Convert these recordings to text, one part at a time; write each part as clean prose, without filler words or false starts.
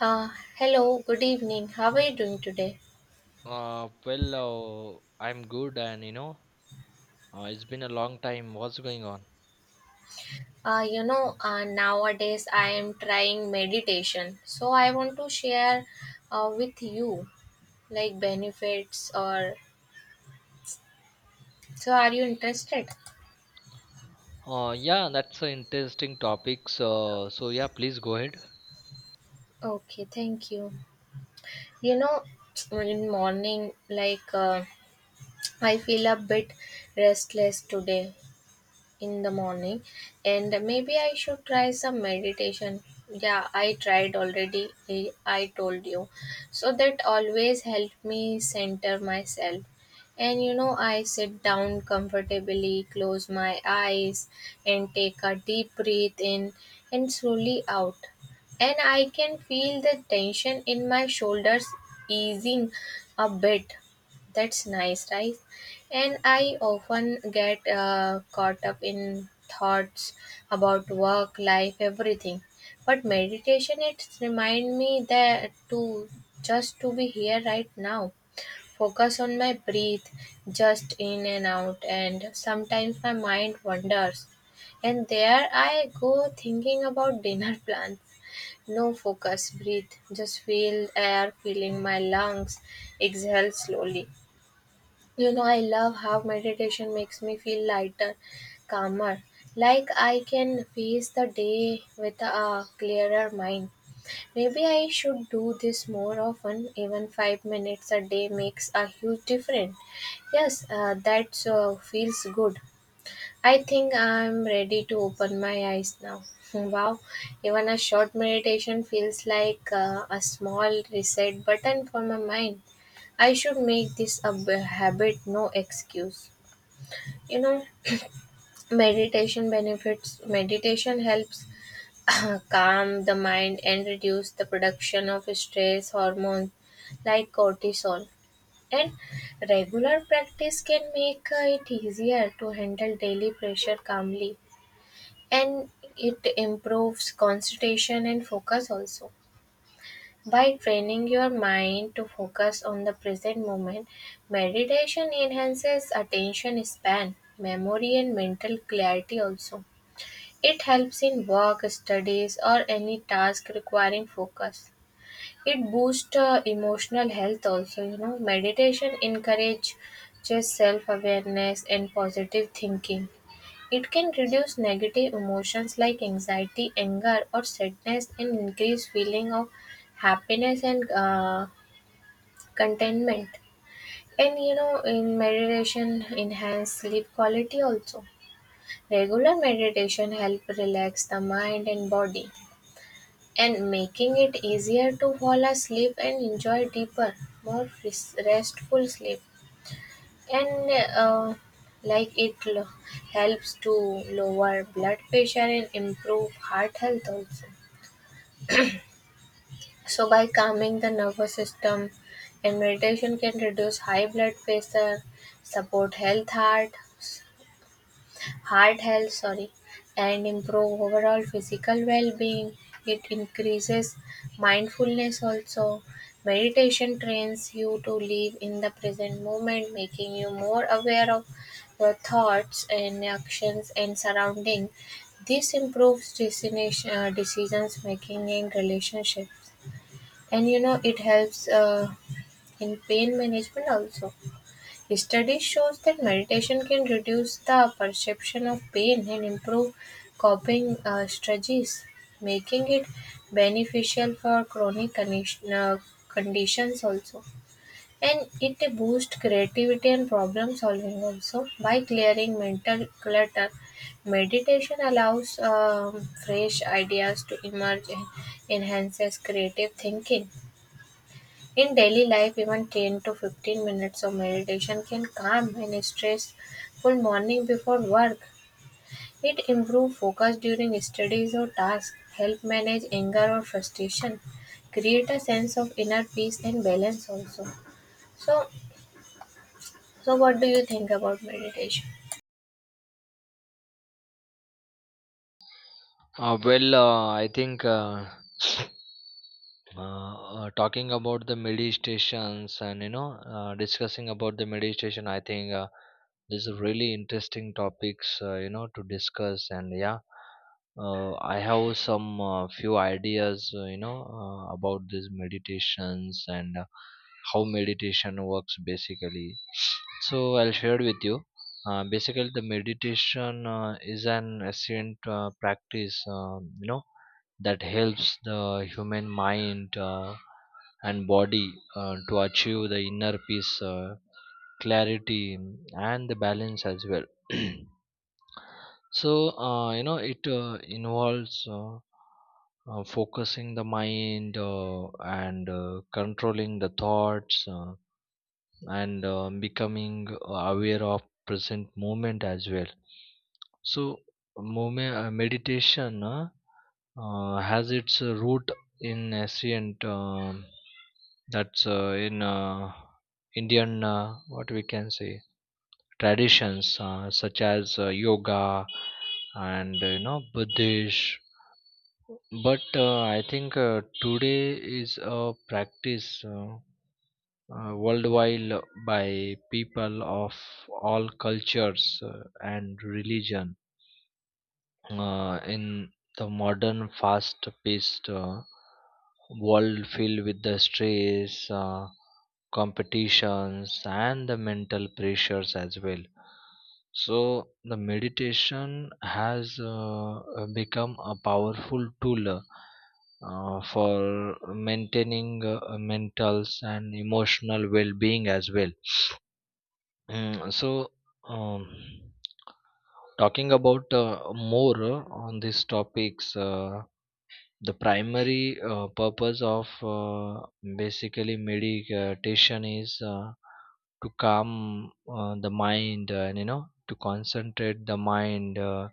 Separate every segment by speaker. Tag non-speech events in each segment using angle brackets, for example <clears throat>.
Speaker 1: Uh, Hello, good evening. How are you doing today?
Speaker 2: Well, I'm good, and it's been a long time. What's going on?
Speaker 1: Nowadays I am trying meditation. So I want to share with you like benefits, or so are you interested?
Speaker 2: Yeah, that's an interesting topic. So, yeah, please go ahead.
Speaker 1: Okay, thank you. You know, in morning, like I feel a bit restless today in the morning, and maybe I should try some meditation. Yeah, I tried already. I told you. So that always helped me center myself. And I sit down comfortably, close my eyes, and take a deep breath in and slowly out. And I can feel the tension in my shoulders easing a bit. That's nice, right? And I often get caught up in thoughts about work, life, everything. But meditation, it reminds me that to just to be here right now, focus on my breath, just in and out. And sometimes my mind wanders, and there I go thinking about dinner plans. No, focus, breathe, just feel air filling my lungs, exhale slowly. I love how meditation makes me feel lighter, calmer, like I can face the day with a clearer mind. Maybe I should do this more often. Even 5 minutes a day makes a huge difference. Yes, that feels good. I think I'm ready to open my eyes now. <laughs> Wow, even a short meditation feels like a small reset button for my mind. I should make this a habit, no excuse. You know, Meditation benefits, meditation helps <coughs> <clears throat> calm the mind and reduce the production of stress hormones like cortisol. And regular practice can make it easier to handle daily pressure calmly, and it improves concentration and focus also. By training your mind to focus on the present moment, meditation enhances attention span, memory, and mental clarity also. It helps in work, studies, or any task requiring focus. It boosts emotional health also. Meditation encourages self awareness and positive thinking. It can reduce negative emotions like anxiety, anger, or sadness, and increase feeling of happiness and contentment. And in meditation, enhance sleep quality also. Regular meditation help relax the mind and body, and making it easier to fall asleep and enjoy deeper, more restful sleep. And uh, like it helps to lower blood pressure and improve heart health also. So by calming the nervous system, and meditation can reduce high blood pressure, support health heart health, sorry, and improve overall physical well-being. It increases mindfulness also. Meditation trains you to live in the present moment, making you more aware of your thoughts and actions and surrounding. This improves decisions making and relationships. And it helps in pain management also. Study shows that meditation can reduce the perception of pain and improve coping strategies, making it beneficial for chronic conditions also. And it boosts creativity and problem solving also by clearing mental clutter. Meditation allows fresh ideas to emerge and enhances creative thinking. In daily life, even 10 to 15 minutes of meditation can calm any stressful morning before work. It improves focus during studies or tasks, help manage anger or frustration, create a sense of inner peace and balance also. So, so, what do you think about meditation?
Speaker 2: Well, I think. Talking about the meditations and discussing about the meditation, I think this is really interesting topics, to discuss. And yeah, I have some few ideas, about these meditations and how meditation works basically. So I'll share with you. Basically, the meditation is an ancient practice, that helps the human mind and body to achieve the inner peace, clarity and the balance as well. <clears throat> So it involves, focusing the mind and controlling the thoughts, and becoming aware of present moment as well. So, movement, meditation has its root in ancient, that's in, Indian, what we can say, traditions, such as yoga and Buddhist. But I think today is a practice worldwide, by people of all cultures and religion, in the modern fast-paced world filled with the stress, competitions, and the mental pressures as well. So the meditation has become a powerful tool for maintaining mental and emotional well-being as well. So, um, talking about more on these topics, the primary purpose of basically meditation is to calm the mind, and to concentrate the mind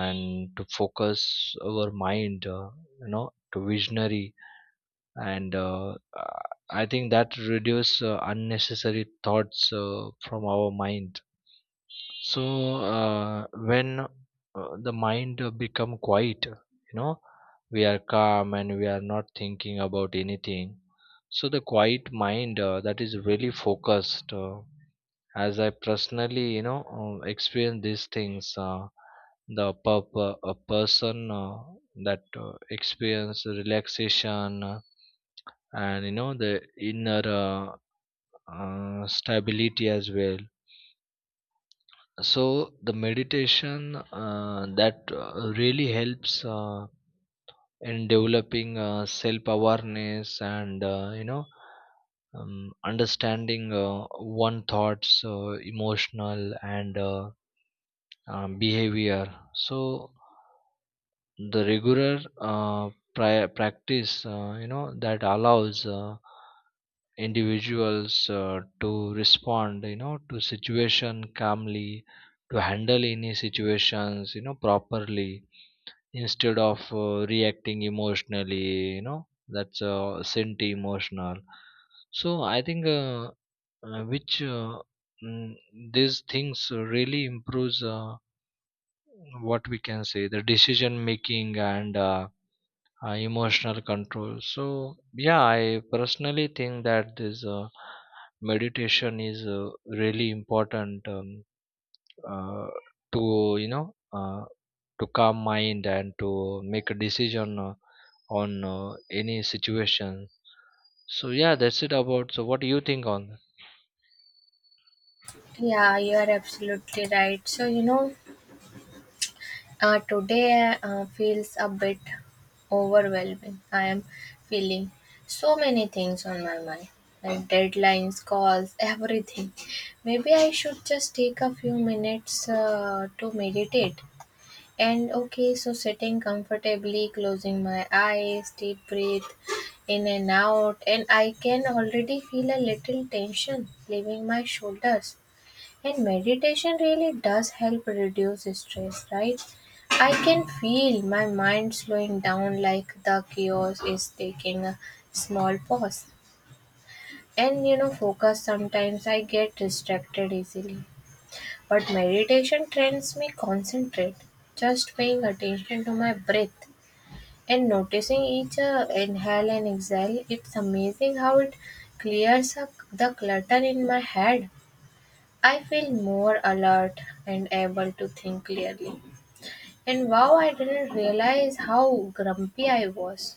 Speaker 2: and to focus our mind, to visionary, and I think that reduce unnecessary thoughts from our mind. So when the mind become quiet, we are calm and we are not thinking about anything. So the quiet mind that is really focused. As I personally, experience these things, a person that experience relaxation, and the inner stability as well. So the meditation that really helps in developing self awareness, and understanding one thoughts, emotional, and behavior. So the regular practice, that allows individuals to respond, to situation calmly, to handle any situations, properly, instead of reacting emotionally, that's anti emotional. So I think uh, which uh, mm, these things really improves what we can say, the decision making, and emotional control. So yeah, I personally think that this meditation is really important, uh, to, you know uh, to calm mind and to make a decision on any situation. So yeah, that's it about. So what do you think on that?
Speaker 1: Yeah, you are absolutely right. So, today feels a bit overwhelming. I am feeling so many things on my mind, like deadlines, calls, everything. Maybe I should just take a few minutes to meditate. And okay, so sitting comfortably, closing my eyes, deep breathe in and out, and I can already feel a little tension leaving my shoulders. And meditation really does help reduce stress, right? I can feel my mind slowing down, like the chaos is taking a small pause. And focus, sometimes I get distracted easily. But meditation trains me concentrate, just paying attention to my breath and noticing each inhale and exhale. It's amazing how it clears up the clutter in my head. I feel more alert and able to think clearly. And wow, I didn't realize how grumpy I was.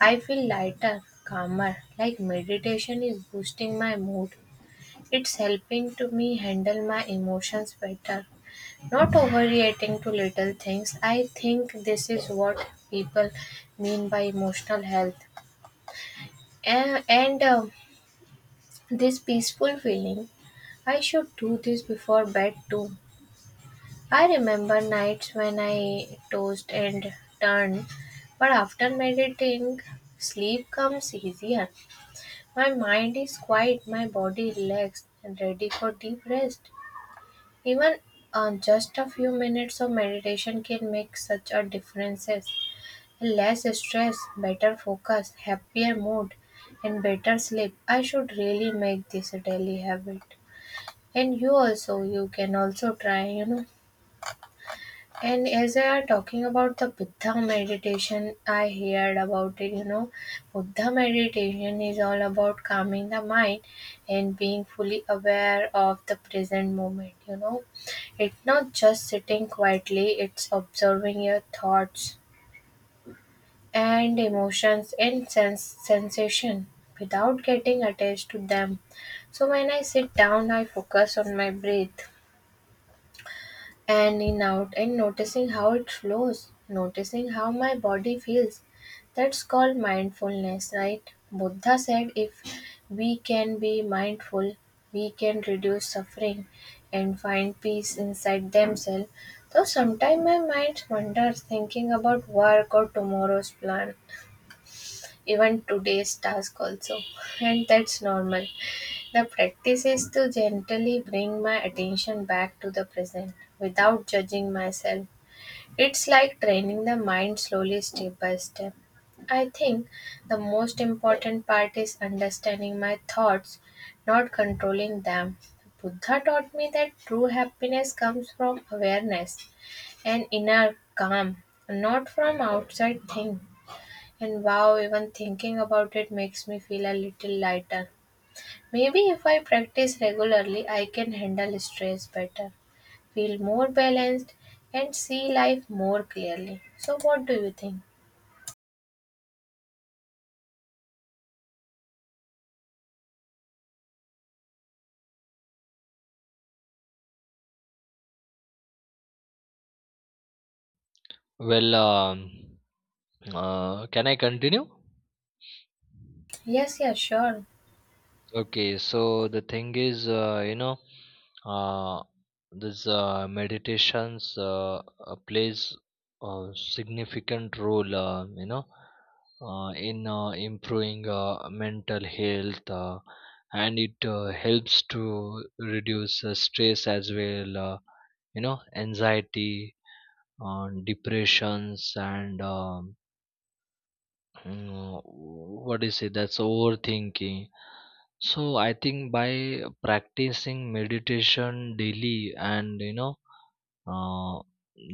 Speaker 1: I feel lighter, calmer, like meditation is boosting my mood. It's helping to me handle my emotions better. Not overreacting to little things. I think this is what people mean by emotional health. And this peaceful feeling, I should do this before bed too. I remember nights when I tossed and turned, but after meditating, sleep comes easier. My mind is quiet, my body relaxed and ready for deep rest. Even just a few minutes of meditation can make such a difference. Less stress, better focus, happier mood, and better sleep. I should really make this a daily habit. And you also, you can also try. And as I are talking about the Buddha meditation, I heard about it. Buddha meditation is all about calming the mind and being fully aware of the present moment. It's not just sitting quietly, it's observing your thoughts and emotions and sense sensation without getting attached to them. So when I sit down, I focus on my breath and in out and noticing how it flows, noticing how my body feels. That's called mindfulness, right? Buddha said if we can be mindful, we can reduce suffering and find peace inside themselves. Though sometimes my mind wanders thinking about work or tomorrow's plan, even today's task also, and that's normal. The practice is to gently bring my attention back to the present without judging myself. It's like training the mind slowly, step by step. I think the most important part is understanding my thoughts, not controlling them. Buddha taught me that true happiness comes from awareness and inner calm, not from outside things. And wow, even thinking about it makes me feel a little lighter. Maybe if I practice regularly, I can handle stress better, feel more balanced, and see life more clearly. So, what do you think?
Speaker 2: Well, can I continue?
Speaker 1: Yes, yeah, sure.
Speaker 2: Okay, so the thing is, uh, this meditations plays a significant role, in improving mental health, and it helps to reduce stress as well, anxiety, depressions, and what do you say? That's overthinking. So I think by practicing meditation daily, and uh,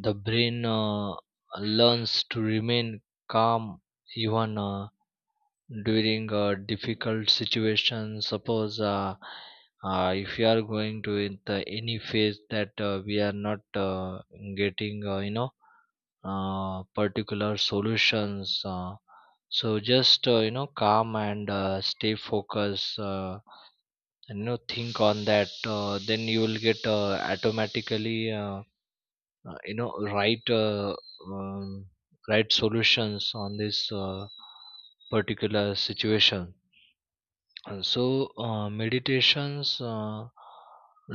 Speaker 2: the brain learns to remain calm even during a difficult situation. Suppose if you are going to in the any phase that we are not getting particular solutions, so just calm and stay focused and think on that. Then you will get automatically uh, you know right uh, um, right solutions on this particular situation. And so meditations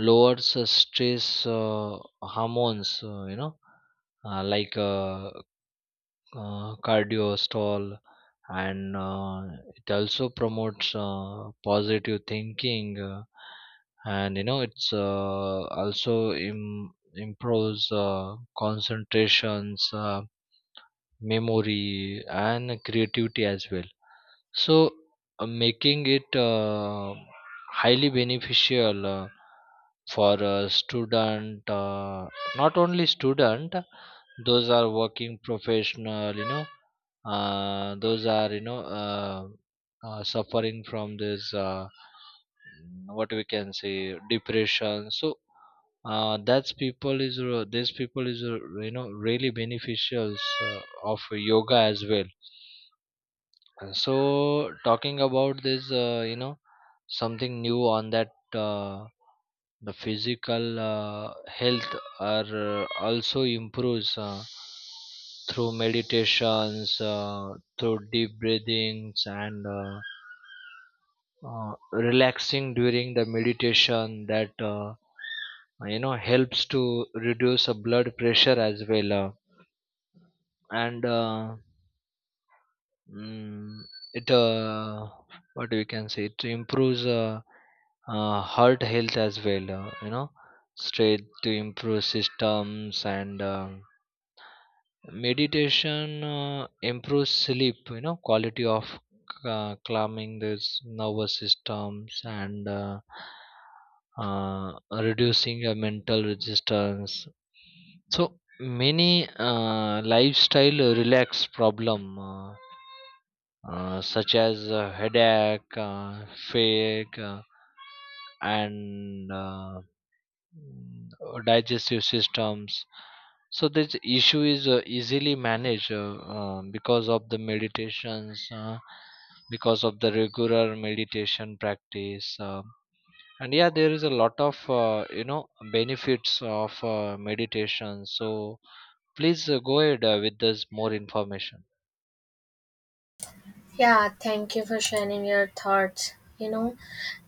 Speaker 2: lowers stress hormones, like cardio stall. And it also promotes positive thinking, and it's also improves concentrations, memory and creativity as well. So making it highly beneficial for a student, not only student, those are working professional, those are suffering from this, what we can say, depression. So that's people is these people is really beneficials uh, of yoga as well. So talking about this, something new on that. uh, the physical health are also improves through meditations, through deep breathings, and relaxing during the meditation that helps to reduce blood pressure as well. And mm, it what we can say, it improves heart health as well. Straight to improve systems and meditation improves sleep, quality of calming this nervous systems, and reducing a mental resistance. So many lifestyle relax problem, such as headache, fatigue, and digestive systems. So this issue is easily managed, because of the meditations, because of the regular meditation practice. And yeah, there is a lot of benefits of meditation, so please go ahead with this more information.
Speaker 1: Yeah, thank you for sharing your thoughts.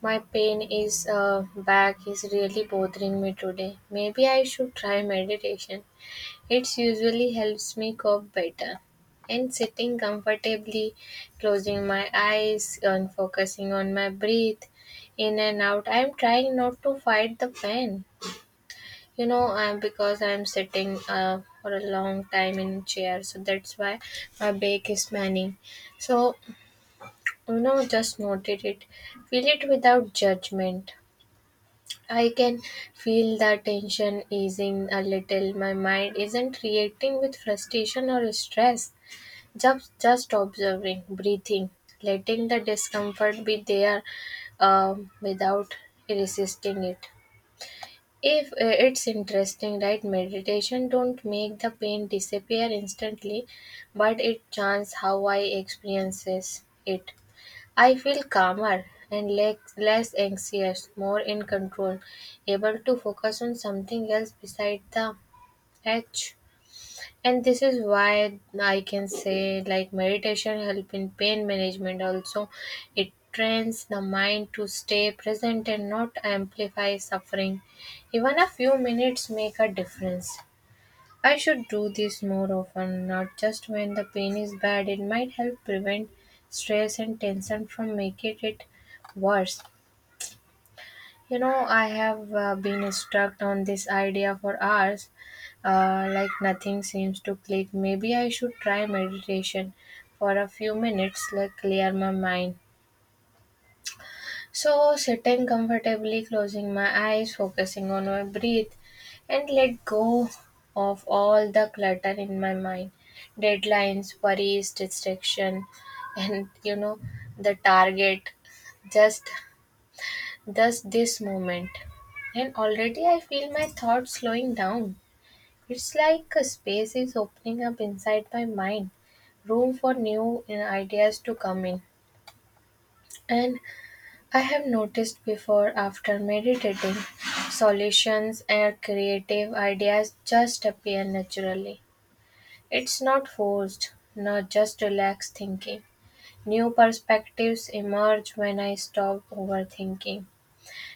Speaker 1: My pain is back is really bothering me today. Maybe I should try meditation. It usually helps me cope better. And sitting comfortably, closing my eyes and focusing on my breath in and out, I'm trying not to fight the pain. You know, I'm because I'm sitting for a long time in chair, so that's why my back is panning. So, just noted it, feel it without judgment. I can feel the tension easing a little. My mind isn't reacting with frustration or stress. Just observing, breathing, letting the discomfort be there without resisting it. If It's interesting, right? Meditation don't make the pain disappear instantly, but it changes how I experiences it. I feel calmer and less anxious, more in control, able to focus on something else beside the edge. And this is why I can say like meditation help in pain management also. It trains the mind to stay present and not amplify suffering. Even a few minutes make a difference. I should do this more often, not just when the pain is bad. It might help prevent stress and tension from making it worse. I have been stuck on this idea for hours, like nothing seems to click. Maybe I should try meditation for a few minutes, like clear my mind. So, sitting comfortably, closing my eyes, focusing on my breath, and let go of all the clutter in my mind, deadlines, worries, distraction, and the target. Just, just this moment. And already I feel my thoughts slowing down. It's like a space is opening up inside my mind, room for new ideas to come in. And I have noticed before after meditating, solutions and creative ideas just appear naturally. It's not forced, not just relaxed thinking. New perspectives emerge when I stop overthinking.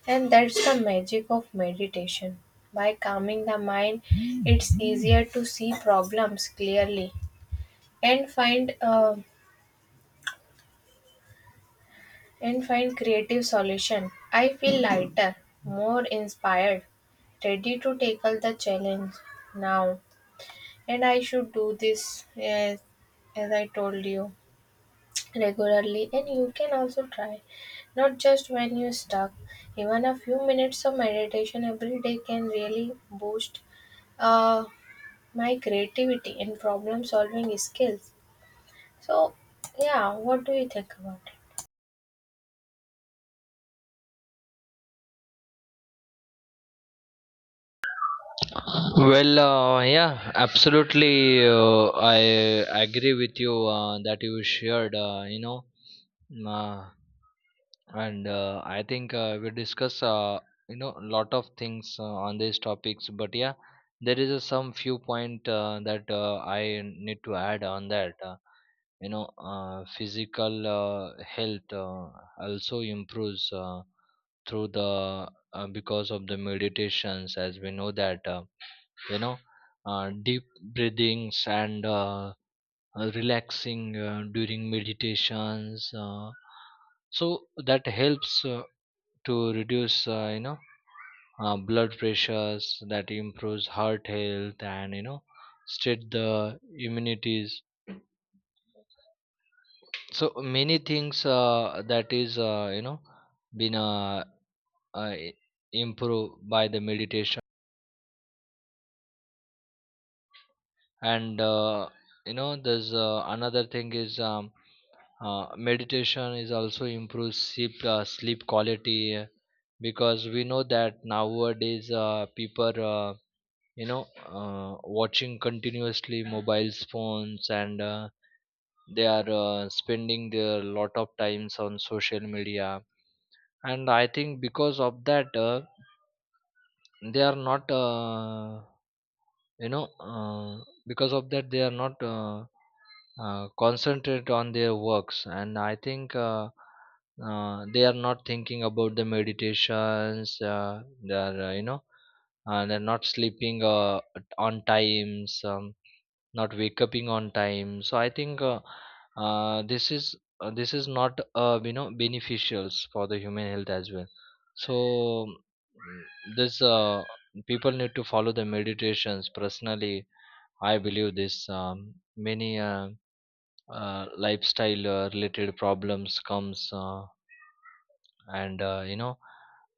Speaker 1: And that's the magic of meditation. By calming the mind, it's easier to see problems clearly and find a and find creative solution. I feel lighter, more inspired, ready to tackle the challenge now. And I should do this as I told you, regularly, and you can also try, not just when you're stuck. Even a few minutes of meditation every day can really boost uh, my creativity and problem solving skills. So yeah, what do you think about it?
Speaker 2: Well, yeah, absolutely, I agree with you that you shared, uh, and I think we discuss, a lot of things on these topics. But yeah, there is a some few point that I need to add on that. Physical health also improves through the, because of the meditations, as we know that you know deep breathings and relaxing during meditations, so that helps to reduce blood pressures, that improves heart health, and state the immunities. So many things that is been uh, improved by the meditation. And there's another thing is, meditation is also improves sleep, sleep quality, because we know that nowadays people you know uh, watching continuously mobile phones, and they are spending their lot of times on social media. And I think because of that they are not you know uh, because of that they are not concentrate on their works. And I think they are not thinking about the meditations. They are you know They're not sleeping on times, not wake up on time. So I think uh, this is this is not beneficials for the human health as well. So this people need to follow the meditations personally. I believe this, many lifestyle related problems comes, and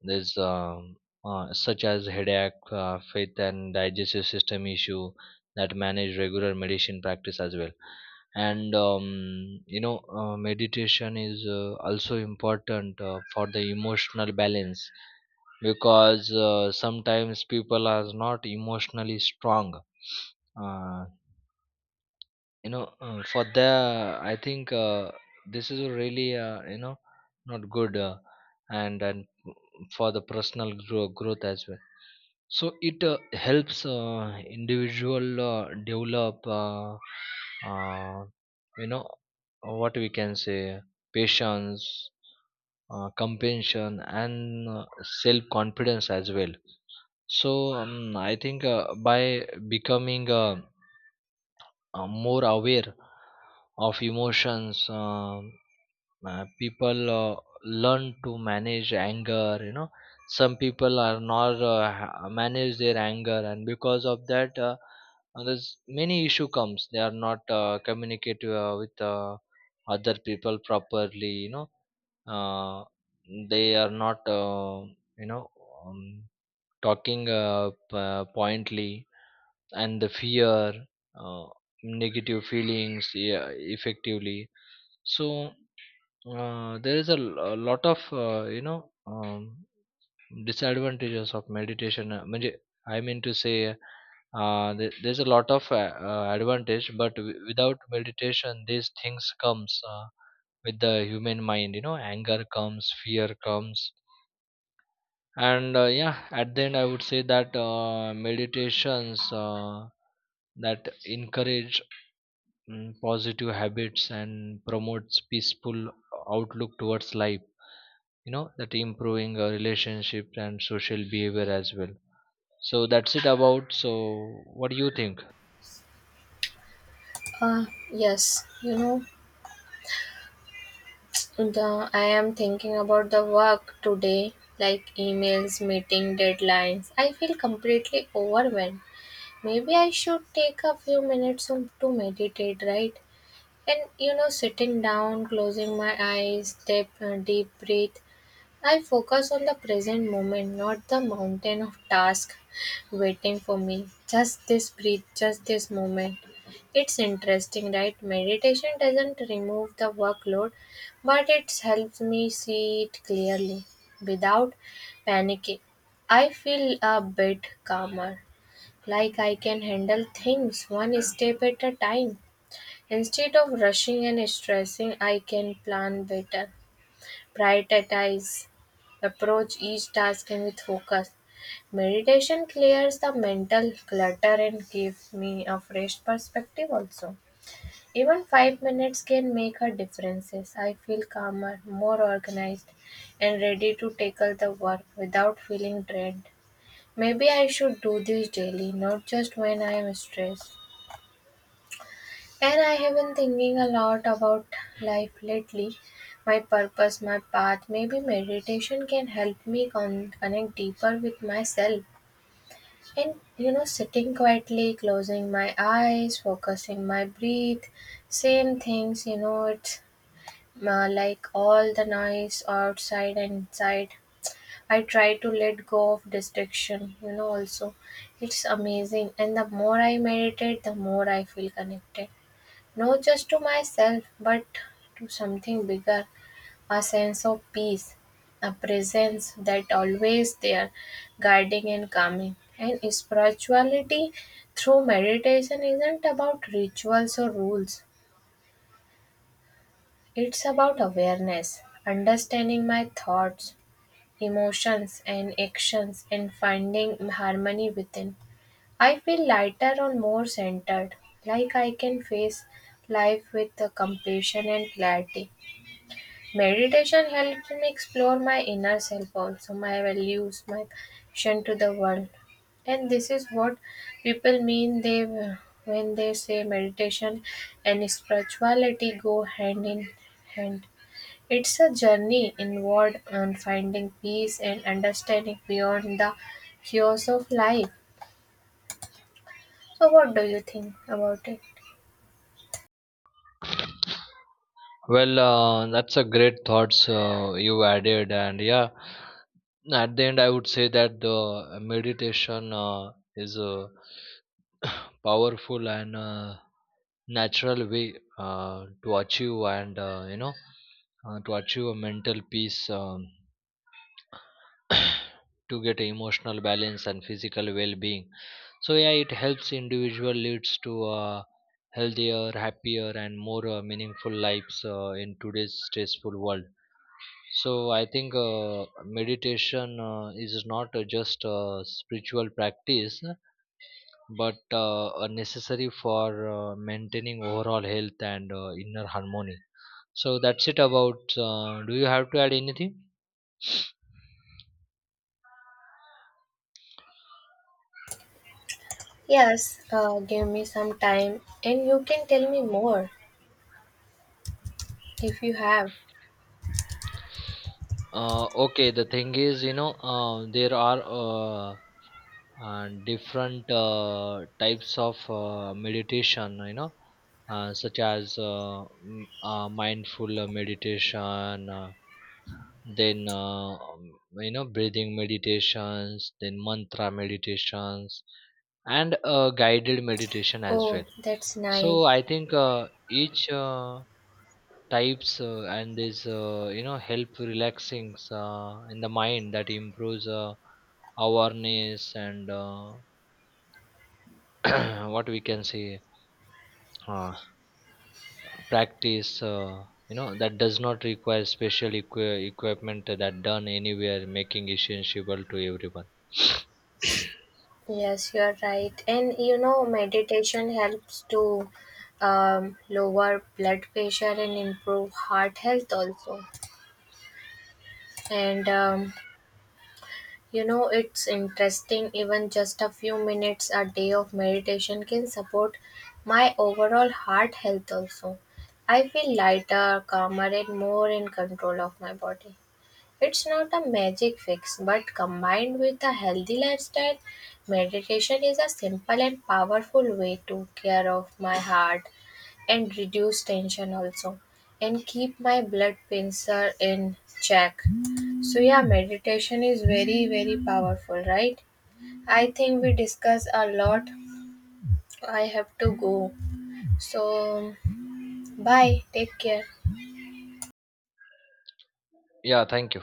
Speaker 2: there's, such as headache, faith and digestive system issue, that manage regular meditation practice as well. And meditation is also important for the emotional balance, because sometimes people are not emotionally strong. uh, for the, I think this is really not good, and for the personal growth as well. So it helps individual develop, uh, you know what we can say, patience, compassion and self confidence as well. So I think by becoming more aware of emotions, people learn to manage anger. Some people are not manage their anger, and because of that there's many issue comes. They are not communicate with other people properly. Uh, they are not you know um, talking pointly, and the fear, uh, negative feelings, yeah, effectively. So there is a lot of disadvantages of meditation. I mean to say, there's a lot of advantage, but without meditation, these things comes with the human mind. Anger comes, fear comes, and yeah, at the end, I would say that meditations that encourage, positive habits and promotes peaceful outlook towards life, that improving our relationship and social behavior as well. So that's it about. So what do you think?
Speaker 1: Uh yes you know The I am thinking about the work today, like emails, meeting deadlines. I feel completely overwhelmed. Maybe I should take a few minutes to meditate, right? And sitting down, closing my eyes, take a deep breath. I focus on the present moment, not the mountain of tasks waiting for me. Just this breath, just this moment. It's interesting, right? Meditation doesn't remove the workload, but it helps me see it clearly without panicking. I feel a bit calmer, like I can handle things one step at a time. Instead of rushing and stressing, I can plan better, prioritize, approach each task and with focus. Meditation clears the mental clutter and gives me a fresh perspective also. Even 5 minutes can make a difference. I feel calmer, more organized, and ready to tackle the work without feeling drained. Maybe I should do this daily, not just when I am stressed. And I have been thinking a lot about life lately, my purpose, my path. Maybe meditation can help me connect deeper with myself. And sitting quietly, closing my eyes, focusing my breath, same things, it's like all the noise outside and inside. I try to let go of distraction, also. It's amazing. And the more I meditate, the more I feel connected. Not just to myself, but to something bigger, a sense of peace, a presence that always there, guiding and calming. And spirituality through meditation isn't about rituals or rules, it's about awareness, understanding my thoughts, emotions, and actions, and finding harmony within. I feel lighter and more centered, like I can face life with the compassion and clarity. Meditation helps me explore my inner self also, my values, my connection to the world. And this is what people mean they when they say meditation and spirituality go hand in hand. It's a journey inward on finding peace and understanding beyond the chaos of life. So what do you think about it?
Speaker 2: Well, that's a great thoughts you added. And yeah, at the end I would say that the meditation is a powerful and natural way to achieve and you know to achieve a mental peace, <clears throat> <coughs> to get emotional balance and physical well-being. So yeah, it helps individual leads to uh, healthier, happier and more meaningful lives in today's stressful world. So I think meditation is not just a spiritual practice, but a necessary for maintaining overall health and inner harmony. So that's it about. Do you have to add anything?
Speaker 1: Yes, give me some time and you can tell me more if you have.
Speaker 2: Okay, the thing is, there are different types of meditation, such as mindful meditation, then breathing meditations, then mantra meditations, and guided meditation as well.
Speaker 1: Oh, that's nice.
Speaker 2: So I think each types and this help relaxing in the mind, that improves awareness and, <clears throat> what we can say, uh, practice that does not require special equipment, that done anywhere, making essential to everyone. <coughs>
Speaker 1: Yes, you're right. And meditation helps to lower blood pressure and improve heart health also. And it's interesting, even just a few minutes a day of meditation can support my overall heart health also. I feel lighter, calmer, and more in control of my body. It's not a magic fix, but combined with a healthy lifestyle, meditation is a simple and powerful way to care of my heart and reduce tension also, and keep my blood pressure in check. So yeah, meditation is very very powerful, right? I think we discuss a lot. I have to go. So bye, take care.
Speaker 2: Yeah, thank you.